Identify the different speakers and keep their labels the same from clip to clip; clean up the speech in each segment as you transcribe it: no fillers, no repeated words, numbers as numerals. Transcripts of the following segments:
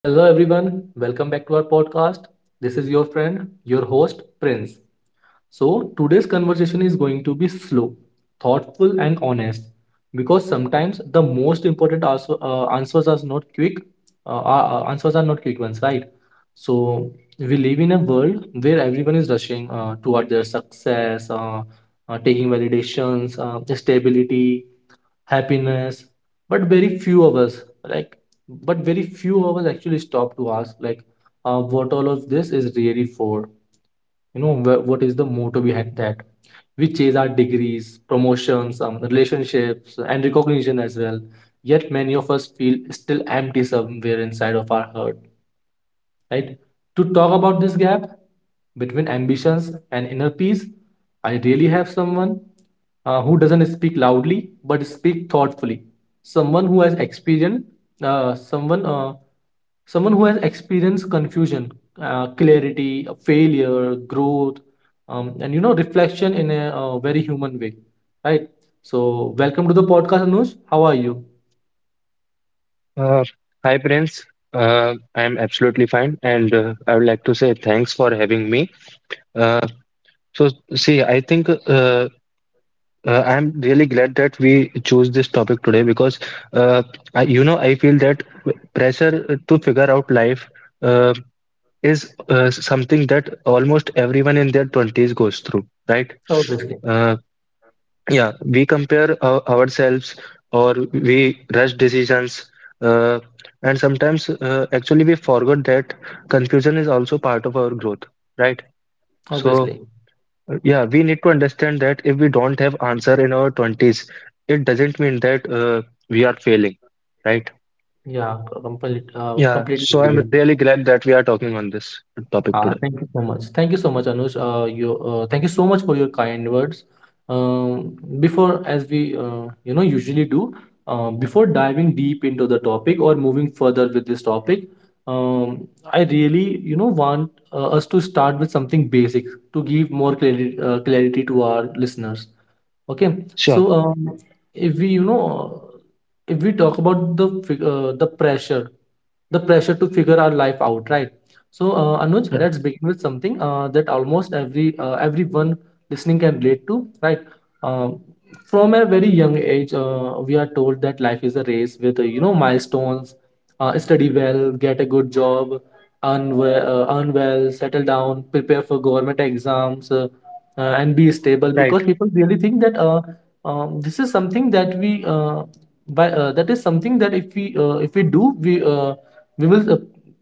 Speaker 1: Hello, everyone. Welcome back to our podcast. This is your friend, your host, Prince. So, today's conversation is going to be slow, thoughtful, and honest because sometimes the most important also, answers are not quick. Answers are not quick ones, right? So, we live in a world where everyone is rushing toward their success, taking validations, stability, happiness, but very few of us like but very few of us actually stop to ask, what all of this is really for. You know, what is the motto behind that? We chase our degrees, promotions, relationships, and recognition as well, yet many of us feel still empty somewhere inside of our heart, right? To talk about this gap between ambitions and inner peace, I really have someone who doesn't speak loudly but speak thoughtfully. Someone who has experienced, uh, someone, uh, Someone who has experienced confusion, clarity, failure, growth, and you know reflection in a very human way, right? So welcome to the podcast, Anush. How are you?
Speaker 2: Uh, Hi, Prince. I'm absolutely fine, and I would like to say thanks for having me. Uh, so, see, I think I'm really glad that we chose this topic today, because uh, I feel that pressure to figure out life uh, is something that almost everyone in their 20s goes through, right?
Speaker 1: Obviously,
Speaker 2: Uh, Yeah, we compare ourselves, or we rush decisions, uh, and sometimes actually we forgot that confusion is also part of our growth, right? So,
Speaker 1: obviously,
Speaker 2: yeah, we need to understand that if we don't have answer in our 20s, it doesn't mean that we are failing, right?
Speaker 1: yeah,
Speaker 2: Yeah,
Speaker 1: completely agree
Speaker 2: so I'm
Speaker 1: with you.
Speaker 2: really glad that we are talking on this topic
Speaker 1: Ah,
Speaker 2: today.
Speaker 1: thank you so much. Thank you so much, Anush. Thank you so much for your kind words. Um, before, as we you know usually do, Before diving deep into the topic or moving further with this topic, I really want us to start with something basic to give more clarity to our listeners. Okay,
Speaker 2: Sure.
Speaker 1: so, if we, talk about the pressure to figure our life out, right? So, Anuj,
Speaker 2: Uh,
Speaker 1: let's begin with something that almost every everyone listening can relate to, right? Um, from a very young age, we are told that life is a race with, milestones. Study well, get a good job, earn well, settle down, prepare for government exams. And be stable
Speaker 2: Right,
Speaker 1: because people really think that, this is something that that is something that if we, do, we will,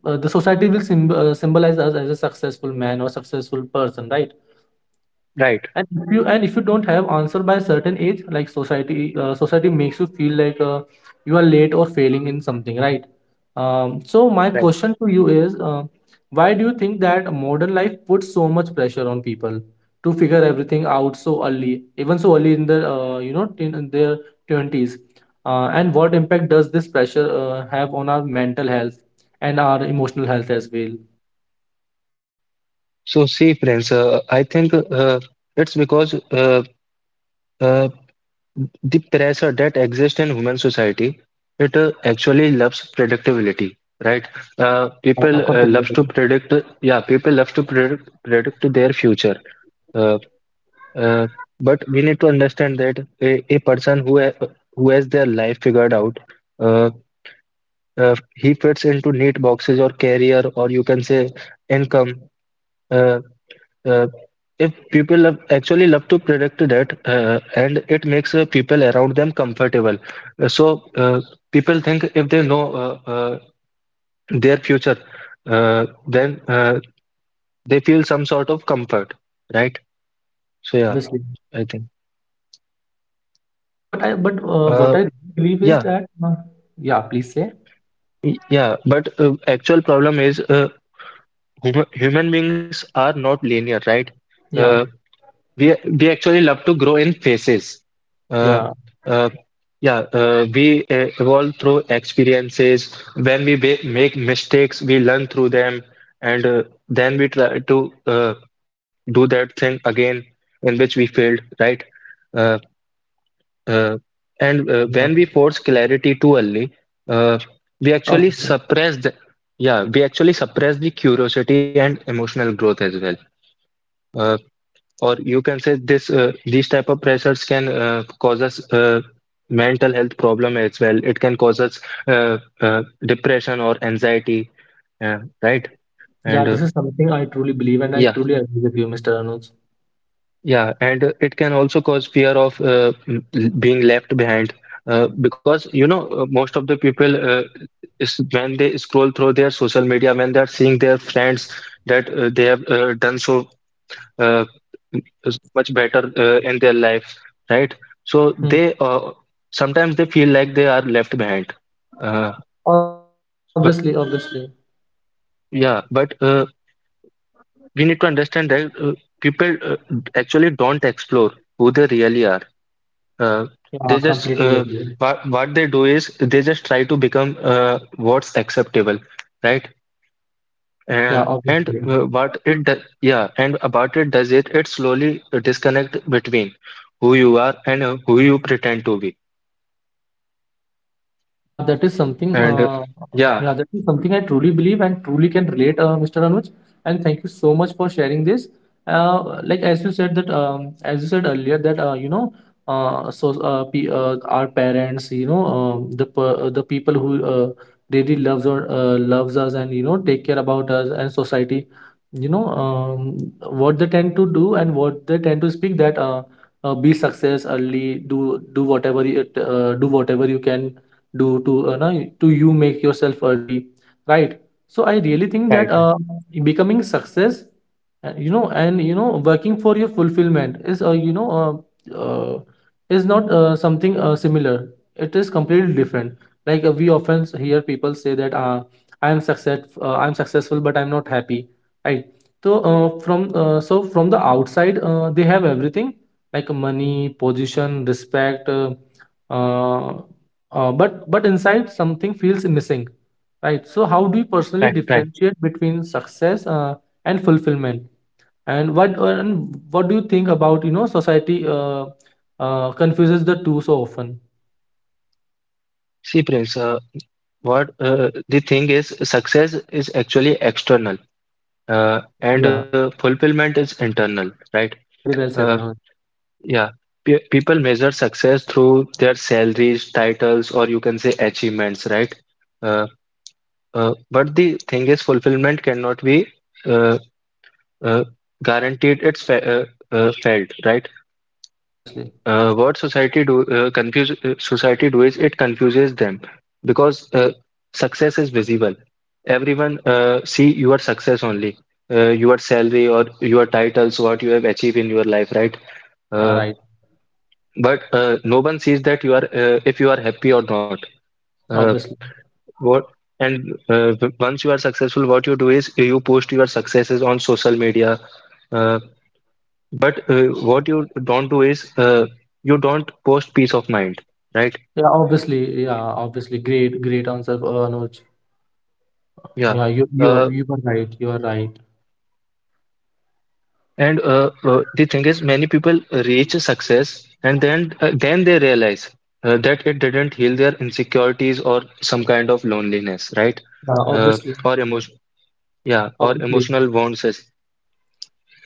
Speaker 1: the society will symb- symbolize us as a successful man or successful person, right?
Speaker 2: right,
Speaker 1: And if you don't have answer by a certain age, like society makes you feel like you are late or failing in something, right? So my
Speaker 2: right.
Speaker 1: question to you is, why do you think that modern life puts so much pressure on people to figure everything out so early, even so early in their, you know, in their twenties? And what impact does this pressure have on our mental health and our emotional health as well?
Speaker 2: So see, friends, I think it's because uh, the pressure that exists in human society, it actually loves predictability, right?
Speaker 1: Yeah,
Speaker 2: People
Speaker 1: completely.
Speaker 2: loves to predict. Yeah, people love to predict their future. Uh, uh, but we need to understand that a person who has their life figured out, uh, he fits into neat boxes or career, or you can say income. Uh, uh, if people love, actually love to predict that, and it makes people around them comfortable. So, people think if they know their future, then they feel some sort of comfort, right.
Speaker 1: Yeah,
Speaker 2: So yeah,
Speaker 1: obviously.
Speaker 2: I think.
Speaker 1: But what
Speaker 2: uh,
Speaker 1: I believe is
Speaker 2: yeah
Speaker 1: that, yeah, please say.
Speaker 2: but actual problem is, human beings are not linear, right. uh,
Speaker 1: Yeah,
Speaker 2: we we actually love to grow in phases. Uh,
Speaker 1: yeah,
Speaker 2: uh, yeah, we evolve through experiences. When make mistakes, we learn through them, and then we try to do that thing again in which we failed, right? Uh, uh, and
Speaker 1: yeah,
Speaker 2: when we force clarity too early, uh, we
Speaker 1: yeah.
Speaker 2: actually
Speaker 1: Obviously.
Speaker 2: suppress the, yeah, we actually suppress the curiosity and emotional growth as well. Uh, or you can say this these type of pressures can cause us mental health problem as well. It can cause us depression or anxiety, right. and
Speaker 1: Yeah, this is something I truly believe, and I
Speaker 2: Yeah,
Speaker 1: truly agree with you, Mr. Anuj.
Speaker 2: yeah, and it can also cause fear of being left behind, because most of the people is when they scroll through their social media, when they are seeing their friends, that they have done so, uh, is much better in their life, right? So
Speaker 1: Hmm.
Speaker 2: they sometimes they feel like they are left behind. Uh,
Speaker 1: Obviously, obviously,
Speaker 2: but yeah, but we need to understand that people actually don't explore who they really are. Uh,
Speaker 1: yeah,
Speaker 2: they just
Speaker 1: completely agree.
Speaker 2: What they do is they just try to become what's acceptable, right?
Speaker 1: Yeah,
Speaker 2: And
Speaker 1: obviously.
Speaker 2: what it do- yeah and about it does it it slowly disconnect between who you are and who you pretend to be.
Speaker 1: Yeah, that is something.
Speaker 2: And Yeah,
Speaker 1: Yeah, that is something I truly believe and truly can relate, Mr. Anuj. And thank you so much for sharing this. As you said earlier that, you know, so pe our parents, the people who, really loves, or loves us, and take care about us, and society, you know, um, what they tend to do and what they tend to speak, that, be success early, do do whatever you, do whatever you can do to you, make yourself early, right? So I really think that,
Speaker 2: right, right,
Speaker 1: becoming success, and working for your fulfillment, is you know uh, is not something similar, it is completely different. Like, we often hear people say that, I'm successful but I'm not happy, right? So from the outside, they have everything, like money, position, respect, uh, but inside something feels missing, right? So how do you personally
Speaker 2: right, right.
Speaker 1: differentiate between success and fulfillment? And what do you think about, society confuses the two so often?
Speaker 2: See, Prince, what the thing is, success is actually external, and
Speaker 1: Yeah,
Speaker 2: fulfillment is internal, right.
Speaker 1: very well
Speaker 2: uh,
Speaker 1: said, Anuj.
Speaker 2: yeah. Pe People measure success through their salaries, titles, or you can say achievements, right. uh, but the thing is fulfillment cannot be uh, Uh, guaranteed. It's fe uh, uh, felt, right?
Speaker 1: Yeah, obviously,
Speaker 2: What society do confuse Society do is it confuses them, because success is visible. Everyone see your success only, your salary or your titles, what you have achieved in your life, right?
Speaker 1: yeah.
Speaker 2: Uh,
Speaker 1: Right.
Speaker 2: but no one sees that you are if you are happy or not. Uh,
Speaker 1: Obviously.
Speaker 2: what Once you are successful, what you do is you post your successes on social media. Uh, But what you don't do is you don't post peace of mind, right?
Speaker 1: Yeah, obviously. Yeah, obviously, great, great answer, Anuj.
Speaker 2: Yeah.
Speaker 1: Yeah, you
Speaker 2: Uh,
Speaker 1: you are right, you are right.
Speaker 2: and the thing is, many people reach success and then they realize that it didn't heal their insecurities or some kind of loneliness, right?
Speaker 1: Yeah,
Speaker 2: Uh,
Speaker 1: obviously,
Speaker 2: or emotion, yeah, or
Speaker 1: obviously.
Speaker 2: emotional wounds.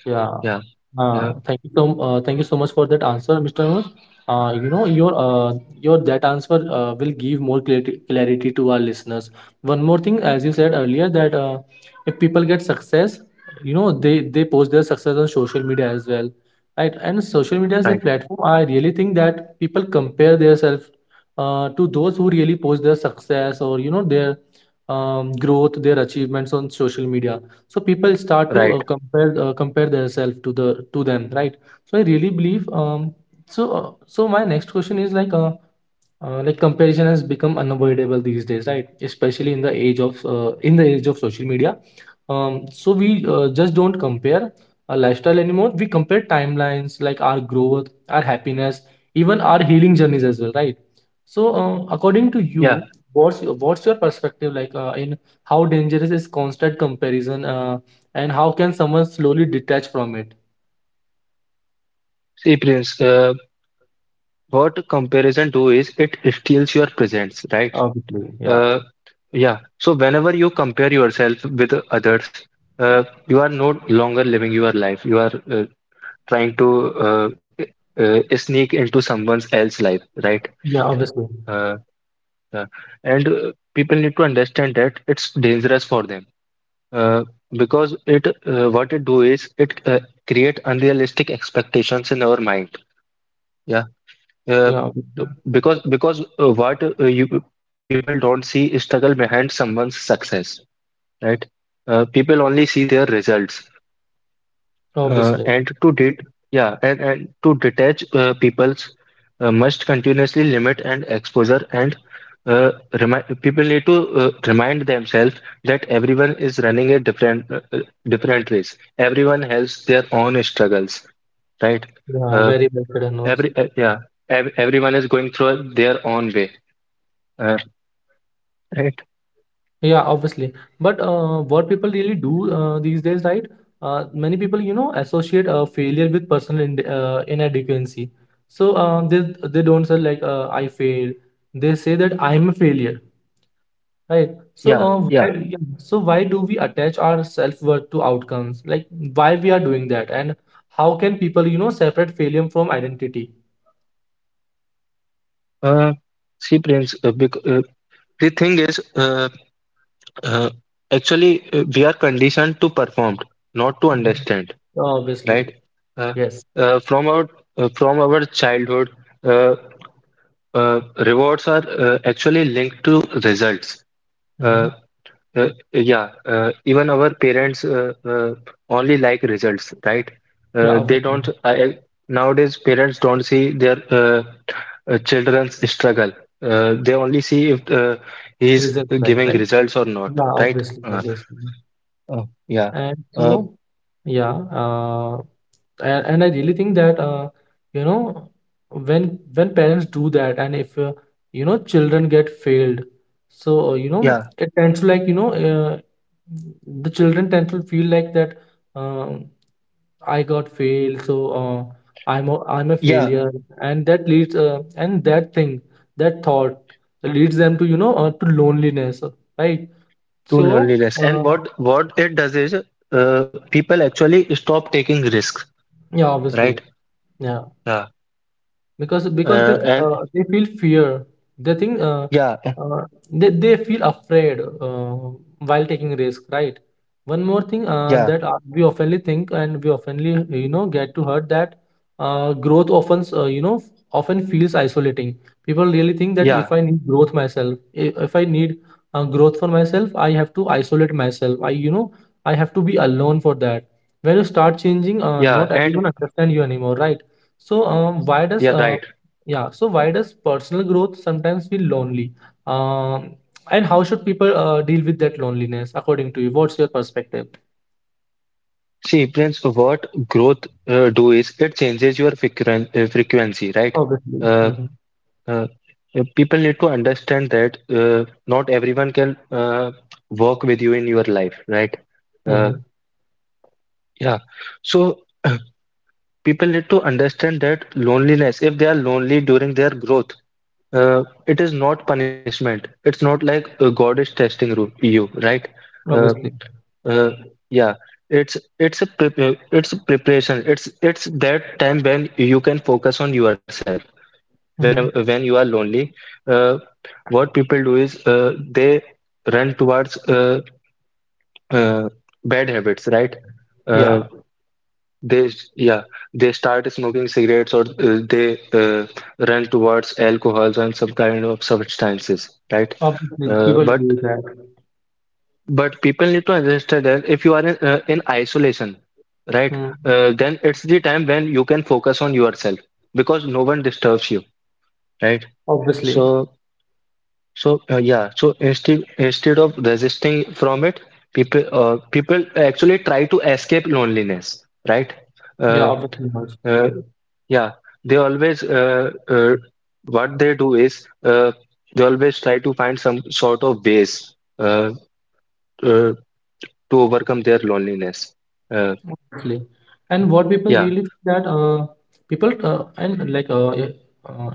Speaker 1: Yeah.
Speaker 2: Yeah. Uh,
Speaker 1: Thank you so much for that answer, Mr. Manoj. You know your that answer will give more clarity to our listeners. One more thing, as you said earlier, that, if people get success, you know they post their success on social media as well, right? And social media is a
Speaker 2: right.
Speaker 1: platform. I really think that people compare themselves, to those who really post their success, or you know their, growth, their achievements on social media. So people start to
Speaker 2: Right.
Speaker 1: uh, compare uh, compare themselves to them, right? So I really believe, so my next question is, like, comparison has become unavoidable these days, right? Especially in the age of social media. So we, just don't compare our lifestyle anymore. We compare timelines, like our growth, our happiness, even our healing journeys as well, right? So, according to
Speaker 2: Yeah.
Speaker 1: you, what's your perspective, like in how dangerous is constant comparison, and how can someone slowly detach from it?
Speaker 2: See, Prince, what comparison do is it steals your presence, right?
Speaker 1: Obviously, yeah.
Speaker 2: Uh. Yeah. So whenever you compare yourself with others, you are no longer living your life. You are trying to uh, sneak into someone else's life, right?
Speaker 1: Yeah, obviously.
Speaker 2: Uh, uh, and People need to understand that it's dangerous for them, uh, because it what it do is it create unrealistic expectations in our mind. Yeah. Uh,
Speaker 1: Yeah, obviously.
Speaker 2: because what you people don't see is struggle behind someone's success, right? People only see their results, uh,
Speaker 1: Obviously.
Speaker 2: and to det yeah, and to detach people's must continuously limit and exposure, and uh, remind people need to remind themselves that everyone is running a different race. Everyone has their own struggles, right?
Speaker 1: Yeah,
Speaker 2: Uh,
Speaker 1: very well said, Anuj.
Speaker 2: every yeah, ev Everyone is going through their own way, uh, right?
Speaker 1: Yeah, obviously. But, what people really do, these days, right? Many people, you know, associate, failure with personal, in inadequacy. So, they don't say like, I failed. They say that I'm a failure. Right. So,
Speaker 2: Yeah,
Speaker 1: uh, why,
Speaker 2: yeah.
Speaker 1: yeah, so why do we attach our self-worth to outcomes? Like, why we are doing that, and how can people, you know, separate failure from identity?
Speaker 2: Uh, See, Prince, bec the thing is. Uh, Actually, we are conditioned to perform, not to
Speaker 1: Mhm.
Speaker 2: understand,
Speaker 1: Obviously,
Speaker 2: right? Uh,
Speaker 1: yes.
Speaker 2: uh, from our from our childhood, uh, rewards are actually linked to results. Uh,
Speaker 1: Hmm.
Speaker 2: yeah, even our parents only like results, right?
Speaker 1: Yeah,
Speaker 2: They
Speaker 1: obviously.
Speaker 2: don't. Nowadays, parents don't see their children's struggle. They only see if he is
Speaker 1: Result back,
Speaker 2: giving
Speaker 1: right?
Speaker 2: results or not,
Speaker 1: Yeah,
Speaker 2: right?
Speaker 1: obviously, obviously.
Speaker 2: Yeah.
Speaker 1: And
Speaker 2: Uh,
Speaker 1: so, yeah. Uh, and I really think that, you know when parents do that and if, children get failed, so,
Speaker 2: yeah.
Speaker 1: it tends to, like, the children tend to feel like that, um, I got failed, so, uh, I'm a
Speaker 2: Yeah.
Speaker 1: failure, and that leads and that thing, that thought, leads them to, loneliness, right?
Speaker 2: To
Speaker 1: So,
Speaker 2: loneliness. And
Speaker 1: uh,
Speaker 2: what it does is, people actually stop taking risks,
Speaker 1: yeah, obviously,
Speaker 2: right?
Speaker 1: yeah,
Speaker 2: Yeah.
Speaker 1: because they feel,
Speaker 2: And
Speaker 1: fear. They think,
Speaker 2: yeah,
Speaker 1: uh, they feel afraid while taking risk, right? One more thing,
Speaker 2: yeah,
Speaker 1: that, we oftenly think and we oftenly, get to heard that, growth often, often feels isolating. People really think that,
Speaker 2: yeah,
Speaker 1: if I need growth myself, if I need, growth for myself, I have to isolate myself, I you know I have to be alone for that. When you start changing,
Speaker 2: yeah, and
Speaker 1: not everyone understand you anymore, right? so, why
Speaker 2: yeah,
Speaker 1: does
Speaker 2: right.
Speaker 1: Yeah? So why does personal growth sometimes feel lonely? Um, and how should people, deal with that loneliness according to you? What's your perspective?
Speaker 2: See, Prince, what growth do is it changes your frequency, right?
Speaker 1: Obviously.
Speaker 2: Uh,
Speaker 1: Mm-hmm.
Speaker 2: uh, People need to understand that not everyone can work with you in your life, right? Uh,
Speaker 1: Mm-hmm.
Speaker 2: yeah. So, people need to understand that loneliness, if they are lonely during their growth, it is not punishment. It's not like God is testing you, right. uh,
Speaker 1: Obviously.
Speaker 2: uh, yeah. It's it's a preparation. It's that time when you can focus on yourself,
Speaker 1: Mm-hmm.
Speaker 2: when you are lonely. uh, what people do is, they run towards uh, bad habits, right. Uh,
Speaker 1: Yeah.
Speaker 2: They, s- yeah, they start smoking cigarettes, or they run towards alcohols and some kind of substances, right?
Speaker 1: Obviously,
Speaker 2: Uh,
Speaker 1: people
Speaker 2: but
Speaker 1: do that.
Speaker 2: but people need to understand that if you are in isolation, right,
Speaker 1: Mm.
Speaker 2: then it's the time when you can focus on yourself, because no one disturbs you, right?
Speaker 1: Obviously.
Speaker 2: So so, yeah, so instead of resisting from it, people actually try to escape loneliness, right?
Speaker 1: Yeah.
Speaker 2: Uh,
Speaker 1: Obviously. Harsh.
Speaker 2: uh, Yeah, they always what they do is, they always try to find some sort of ways uh, to overcome their loneliness. Uh,
Speaker 1: Obviously. And what people
Speaker 2: yeah,
Speaker 1: really think, that, people and like, uh,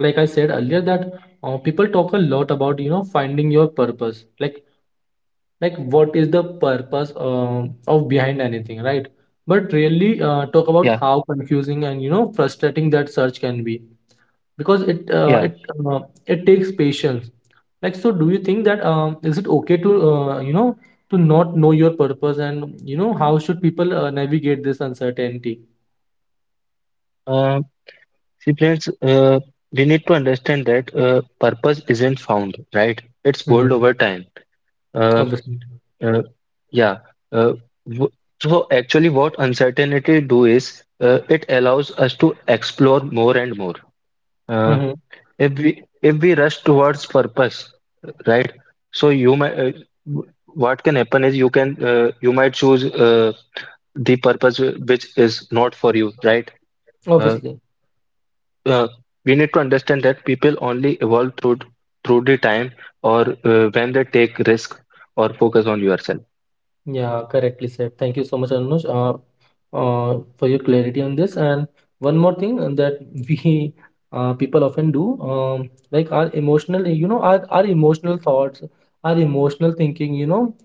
Speaker 1: like I said earlier, that, people talk a lot about, you know, finding your purpose. Like, what is the purpose, of, behind anything, right? But really, talk about
Speaker 2: yeah,
Speaker 1: how confusing and, you know, frustrating that search can be, because it uh,
Speaker 2: yeah.
Speaker 1: it uh, it takes patience. Like, so do you think that, is it okay, to not know your purpose, and you know how should people, navigate this uncertainty?
Speaker 2: Uh, See, friends, we need to understand that purpose isn't found, right? It's built over
Speaker 1: Hmm.
Speaker 2: time. Uh,
Speaker 1: Obviously.
Speaker 2: uh, yeah. Uh, w- so actually, what uncertainty do is, it allows us to explore more and more. Uh,
Speaker 1: Hmm.
Speaker 2: if we if we rush towards purpose, right, so you might what can happen is you might choose the purpose, which is not for you, right. uh,
Speaker 1: Obviously.
Speaker 2: uh, we need to understand that people only evolve through the time, or when they take risk or focus on yourself.
Speaker 1: Yeah, correctly said. Thank you so much, Anuj, for your clarity on this. And one more thing that we, people often do, like our emotional, you know, our emotional thoughts, our emotional thinking, you know,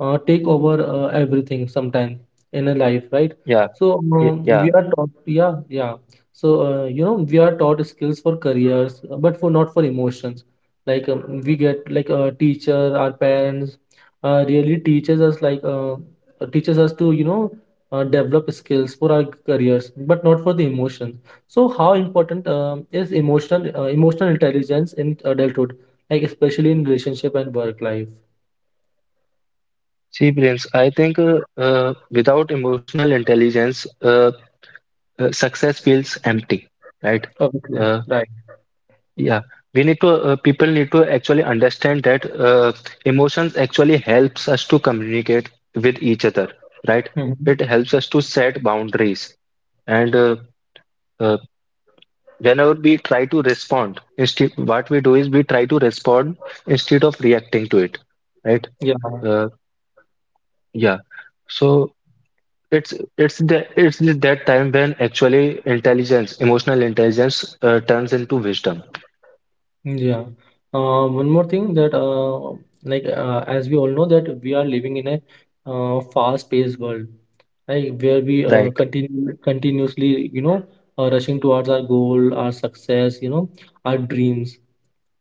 Speaker 1: take over, everything sometime in a life, right?
Speaker 2: yeah
Speaker 1: So,
Speaker 2: y- yeah
Speaker 1: we are taught, yeah, yeah. So, we are taught skills for careers, but for not for emotions. Like we get like a teacher, our parents really teaches us like teaches us to develop skills for our careers but not for the emotions. So how important is emotional emotional intelligence in adulthood, like especially in relationship and work life?
Speaker 2: See, Prince, I think uh, without emotional intelligence, uh, success feels empty, right.
Speaker 1: Obviously.
Speaker 2: Uh,
Speaker 1: Right.
Speaker 2: Yeah, we need to people need to actually understand that emotions actually helps us to communicate with each other, right? It
Speaker 1: Hmm.
Speaker 2: helps us to set boundaries, and uh, whenever we try to respond, instead what we do is we try to respond instead of reacting to it, right?
Speaker 1: Yeah.
Speaker 2: Uh, yeah, so it's that time when actually emotional intelligence, turns into wisdom,
Speaker 1: Yeah. One more thing that, like, as we all know that we are living in a fast-paced world, right? Where we
Speaker 2: right?
Speaker 1: continue continuously, rushing towards our goal, our success, you know, our dreams,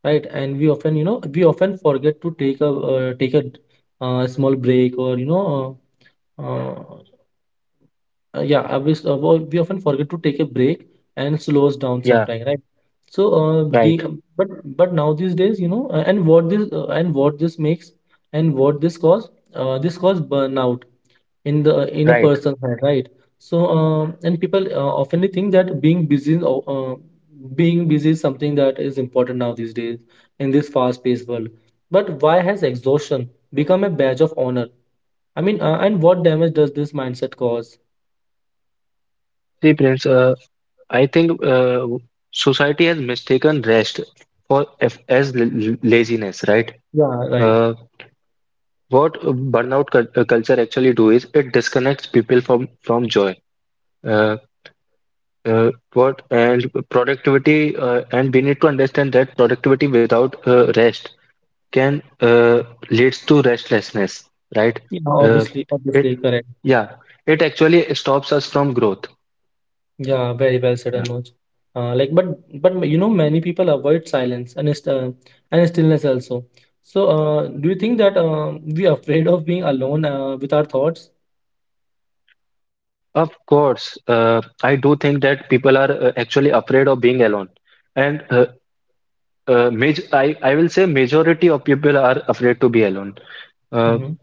Speaker 1: right? And we often, you know, we often forget to take a take a small break or you know, uh, uh, yeah, I was, wo- we often forget to take a break and slows down
Speaker 2: Yeah,
Speaker 1: sometime, right? So,
Speaker 2: right,
Speaker 1: being but now these days, you know, and what this makes and what this cause burnout in the in a
Speaker 2: right.
Speaker 1: person's head, right? So, and people often think that being busy is something that is important now these days in this fast-paced world. But why has exhaustion become a badge of honor? I mean, and what damage does this mindset cause?
Speaker 2: See, Prince, I think society has mistaken rest as laziness, right?
Speaker 1: Yeah, right.
Speaker 2: Uh, what burnout culture actually do is it disconnects people from joy. Uh, what and productivity and we need to understand that productivity without rest can leads to restlessness, right?
Speaker 1: Yeah,
Speaker 2: Uh,
Speaker 1: obviously,
Speaker 2: it
Speaker 1: obviously, correct.
Speaker 2: yeah, it actually stops us from growth.
Speaker 1: Yeah, very well said, Anuj. Like, but you know, many people avoid silence and st and stillness also. So, do you think that we are afraid of being alone with our thoughts?
Speaker 2: Of course, I do think that people are actually afraid of being alone, and maj I will say majority of people are afraid to be alone. Uh,
Speaker 1: Mm-hmm.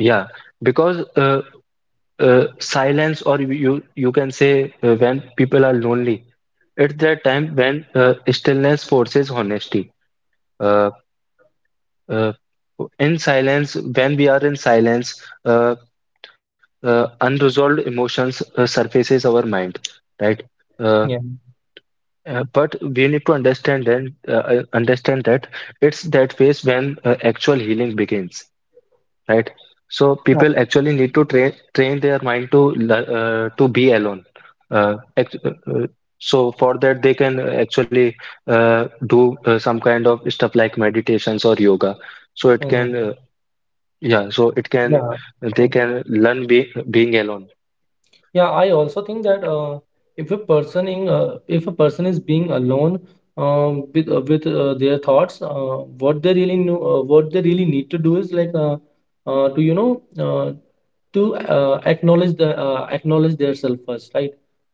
Speaker 2: yeah, because silence, or you can say, when people are lonely, it's that time when stillness forces honesty. Uh, uh, when we are in silence, uh, unresolved emotions surfaces our mind, right? Uh,
Speaker 1: Yeah.
Speaker 2: But we need to understand that it's that phase when actual healing begins, right? So
Speaker 1: Uh,
Speaker 2: people actually need to train their mind to to be alone. Uh, act- uh, uh, so for that they can actually do some kind of stuff like meditations or yoga. So it
Speaker 1: mhm.
Speaker 2: can Yeah. So it can
Speaker 1: Yeah.
Speaker 2: They can learn be being alone.
Speaker 1: Yeah, I also think that if a person in if a person is being alone, with their thoughts, what they really know, what they really need to do is like to uh, to acknowledge the acknowledge their self first, right?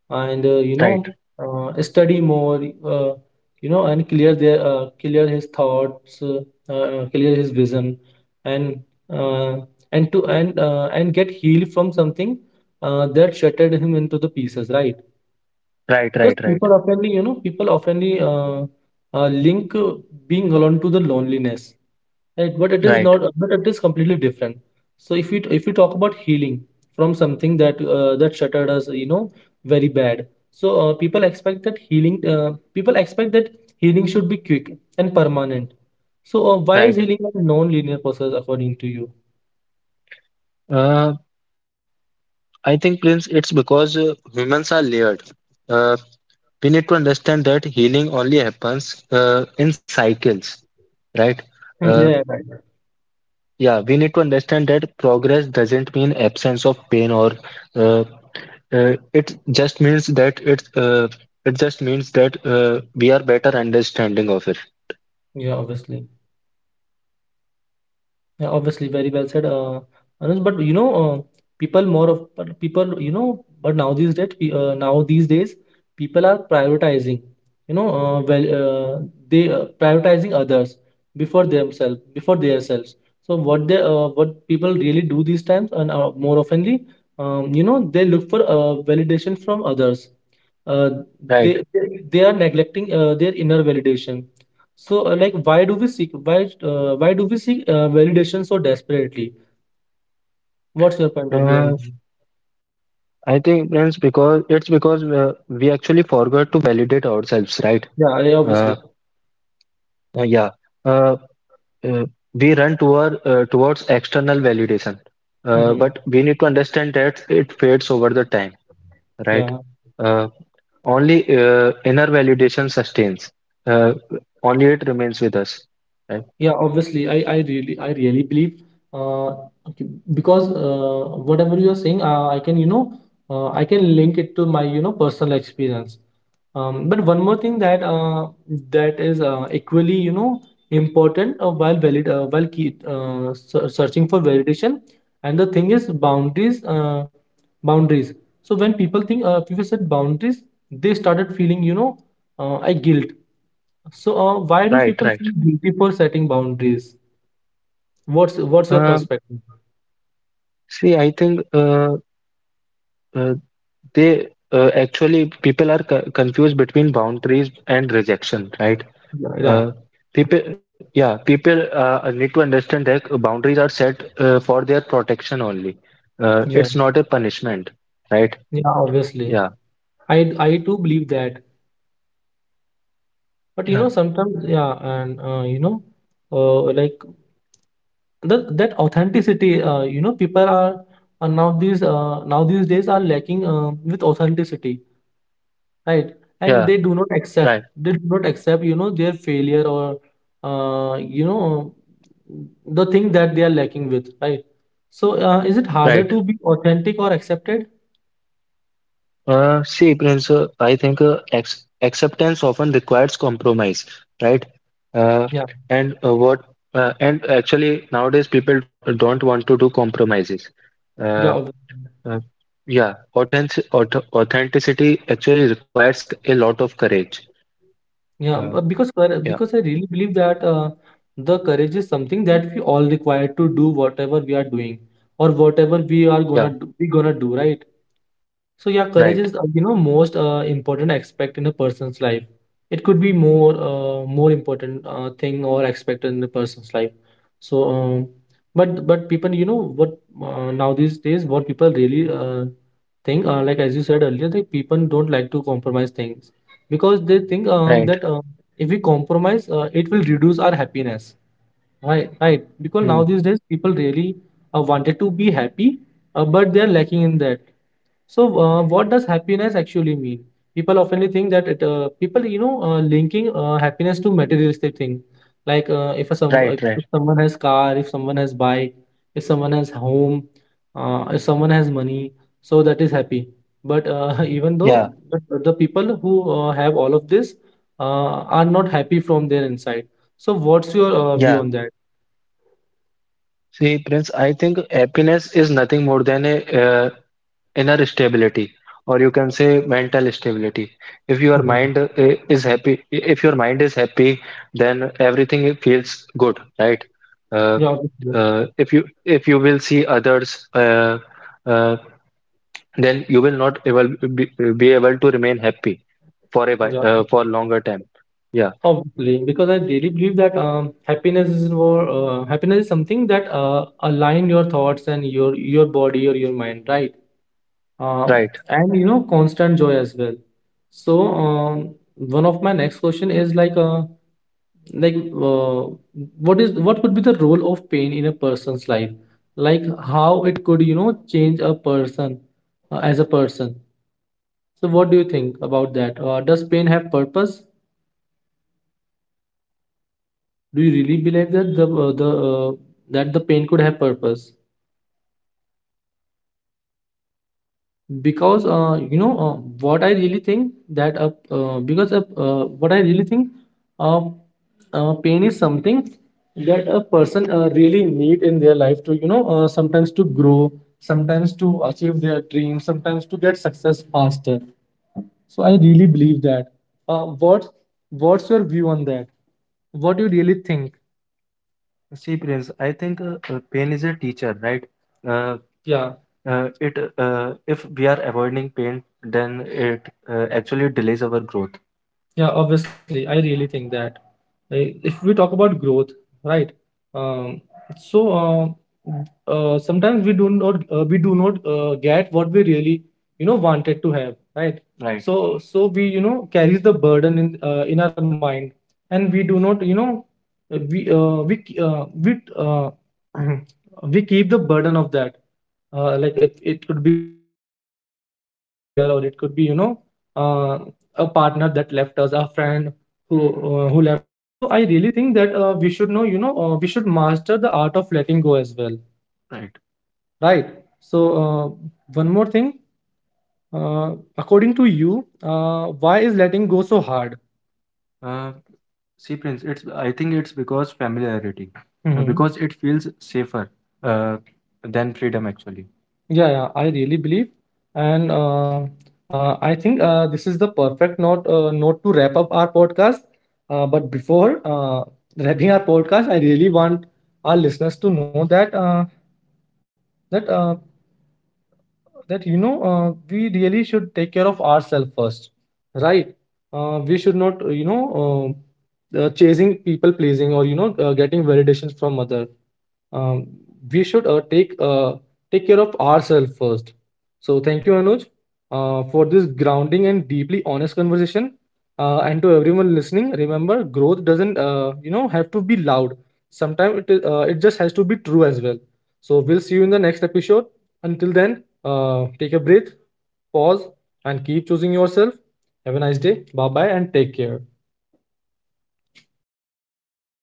Speaker 1: And
Speaker 2: Right.
Speaker 1: study more, uh, you know, and clear their clear his thoughts, clear his vision, and uh, and to and and get healed from something that shattered him into the pieces, right?
Speaker 2: Right.
Speaker 1: Because
Speaker 2: Right.
Speaker 1: people
Speaker 2: Right.
Speaker 1: oftenly, you know, people oftenly link being alone to the loneliness, right? But it is not,
Speaker 2: Right.
Speaker 1: but it is completely different. So if we talk about healing from something that that shattered us, you know, very bad. So people expect that healing, people expect that healing should be quick and permanent. So why is
Speaker 2: Right.
Speaker 1: healing a non-linear process according to you?
Speaker 2: Uh, I think, Prince, it's because humans are layered. Uh, we need to understand that healing only happens in cycles, right?
Speaker 1: Hmm.
Speaker 2: Uh,
Speaker 1: Yeah, right.
Speaker 2: yeah, we need to understand that progress doesn't mean absence of pain, or uh, uh, it just means that it uh, it just means that we are better understanding of it,
Speaker 1: Yeah, obviously. Yeah, obviously, very well said, Anuj. But you know, people, you know, but now these days, now these days, people are prioritizing. You know, they prioritizing others before themselves, before themselves. So what they, what people really do these times, and more oftenly, you know, they look for validation from others. Uh,
Speaker 2: right?
Speaker 1: they, they they are neglecting their inner validation. So, why do we seek validation so desperately? What's your point of view on?
Speaker 2: Uh, I think, Prince, because it's because we actually forgot to validate ourselves, right?
Speaker 1: Yeah, yeah,
Speaker 2: Uh,
Speaker 1: obviously.
Speaker 2: yeah. Uh, uh, we run towards external validation,
Speaker 1: Hmm.
Speaker 2: but we need to understand that it fades over the time, right.
Speaker 1: Yeah.
Speaker 2: uh, Only inner validation sustains. uh, Only it remains with us, right,
Speaker 1: Yeah, obviously, I really believe, uh, okay, because whatever you are saying, I can, you know, I can link it to my, you know, personal experience. But one more thing that that is equally, you know, important while searching for validation, and the thing is boundaries, boundaries. So when people set boundaries, they started feeling, you know, a guilt. So, why do
Speaker 2: right,
Speaker 1: people
Speaker 2: right.
Speaker 1: feel guilty for setting boundaries? What's your
Speaker 2: uh,
Speaker 1: perspective?
Speaker 2: See, I think uh, they actually people are confused between boundaries and rejection, right.
Speaker 1: Yeah, yeah,
Speaker 2: Uh, People need to understand that boundaries are set for their protection only.
Speaker 1: yeah,
Speaker 2: It's not a punishment, right?
Speaker 1: yeah. Obviously,
Speaker 2: Yeah,
Speaker 1: I do believe that, but you
Speaker 2: yeah,
Speaker 1: know, sometimes yeah, and you know, like that authenticity. You know, people are now these days are lacking with authenticity, right? And
Speaker 2: yeah,
Speaker 1: they do not accept.
Speaker 2: right,
Speaker 1: They do not accept. You know, their failure or you know, the thing that they are lacking with, right? So, is it harder
Speaker 2: right.
Speaker 1: to be authentic or accepted?
Speaker 2: See, Prince, I think ex acceptance often requires compromise, right? Uh,
Speaker 1: Yeah,
Speaker 2: and what? And actually, nowadays people don't want to do compromises.
Speaker 1: yeah,
Speaker 2: Uh,
Speaker 1: obviously.
Speaker 2: uh, yeah, authenticity actually requires a lot of courage.
Speaker 1: Yeah.
Speaker 2: Um,
Speaker 1: But because I really believe that the courage is something that we all require to do whatever we are doing or whatever we are
Speaker 2: Yeah,
Speaker 1: gonna do, we gonna do, right? So yeah,
Speaker 2: right,
Speaker 1: courage is you know most important aspect in a person's life. It could be more more important thing or aspect in the person's life. So, but people, you know what, now these days what people really think, like as you said earlier, that people don't like to compromise things because they think
Speaker 2: right,
Speaker 1: that if we compromise, it will reduce our happiness. Right, right. Because
Speaker 2: mm,
Speaker 1: now these days people really wanted to be happy, but they are lacking in that. So, what does happiness actually mean? People often think that it, people, you know, linking happiness to materialistic thing, like
Speaker 2: right, right.
Speaker 1: if someone has car, if someone has bike, if someone has home, if someone has money, so that is happy. But even
Speaker 2: Yeah,
Speaker 1: though but the people who have all of this uh, are not happy from their inside. So, what's your view
Speaker 2: yeah.
Speaker 1: on that?
Speaker 2: See, Prince, I think happiness is nothing more than a inner stability, or you can say mental stability. If your
Speaker 1: Mhm.
Speaker 2: mind is happy, if your mind is happy, then everything feels good, right? Uh,
Speaker 1: Yeah, obviously.
Speaker 2: if you will see others, uh, then you will not able be, be able to remain happy for a while,
Speaker 1: Yeah.
Speaker 2: for longer time. Yeah,
Speaker 1: Obviously, because I really believe that happiness is something that align your thoughts and your body or your mind, right? Uh,
Speaker 2: right.
Speaker 1: and you know, constant joy as well. So one of my next question is like like uh, what is what could be the role of pain in a person's life? Like how it could you know change a person as a person. So what do you think about that? Does pain have purpose? Do you really believe that the that the pain could have purpose? Because what I really think that because what I really think uh, pain is something that a person really need in their life to sometimes to grow, sometimes to achieve their dreams, sometimes to get success faster. So I really believe that. Uh, what what's your view on that? What do you really think? See, Prince, I think pain is a teacher, right? Uh, yeah, it if we are avoiding pain, then it actually delays our growth. Yeah, obviously, I really think that, if we talk about growth, right? Um, so uh, sometimes we do not get what we really you know wanted to have, right? Right. So so we you know carries the burden in our mind, and we do not you know we k- we uh, we keep the burden of that. Like it, it could be failure or it could be you know uh, a partner that left us, a friend who left us, right? So I really think that we should know you know we should master the art of letting go as well, right? Right. So one more thing, uh, according to you, why is letting go so hard? Uh, see, Prince, it's I think it's because familiarity, because it feels safer uh, than freedom actually. Yeah, yeah, I really believe, and I think this is the perfect note note to wrap up our podcast. But before wrapping our podcast, I really want our listeners to know that that uh, that you know we really should take care of ourselves first, right? We should not chasing people pleasing or you know getting validations from other. um, we should take care of ourselves first. So thank you, Anuj, for this grounding and deeply honest conversation. And to everyone listening, remember, growth doesn't you know have to be loud. Sometimes it just has to be true as well. So we'll see you in the next episode. Until then, take a breath, pause, and keep choosing yourself. Have a nice day. Bye bye, and take care.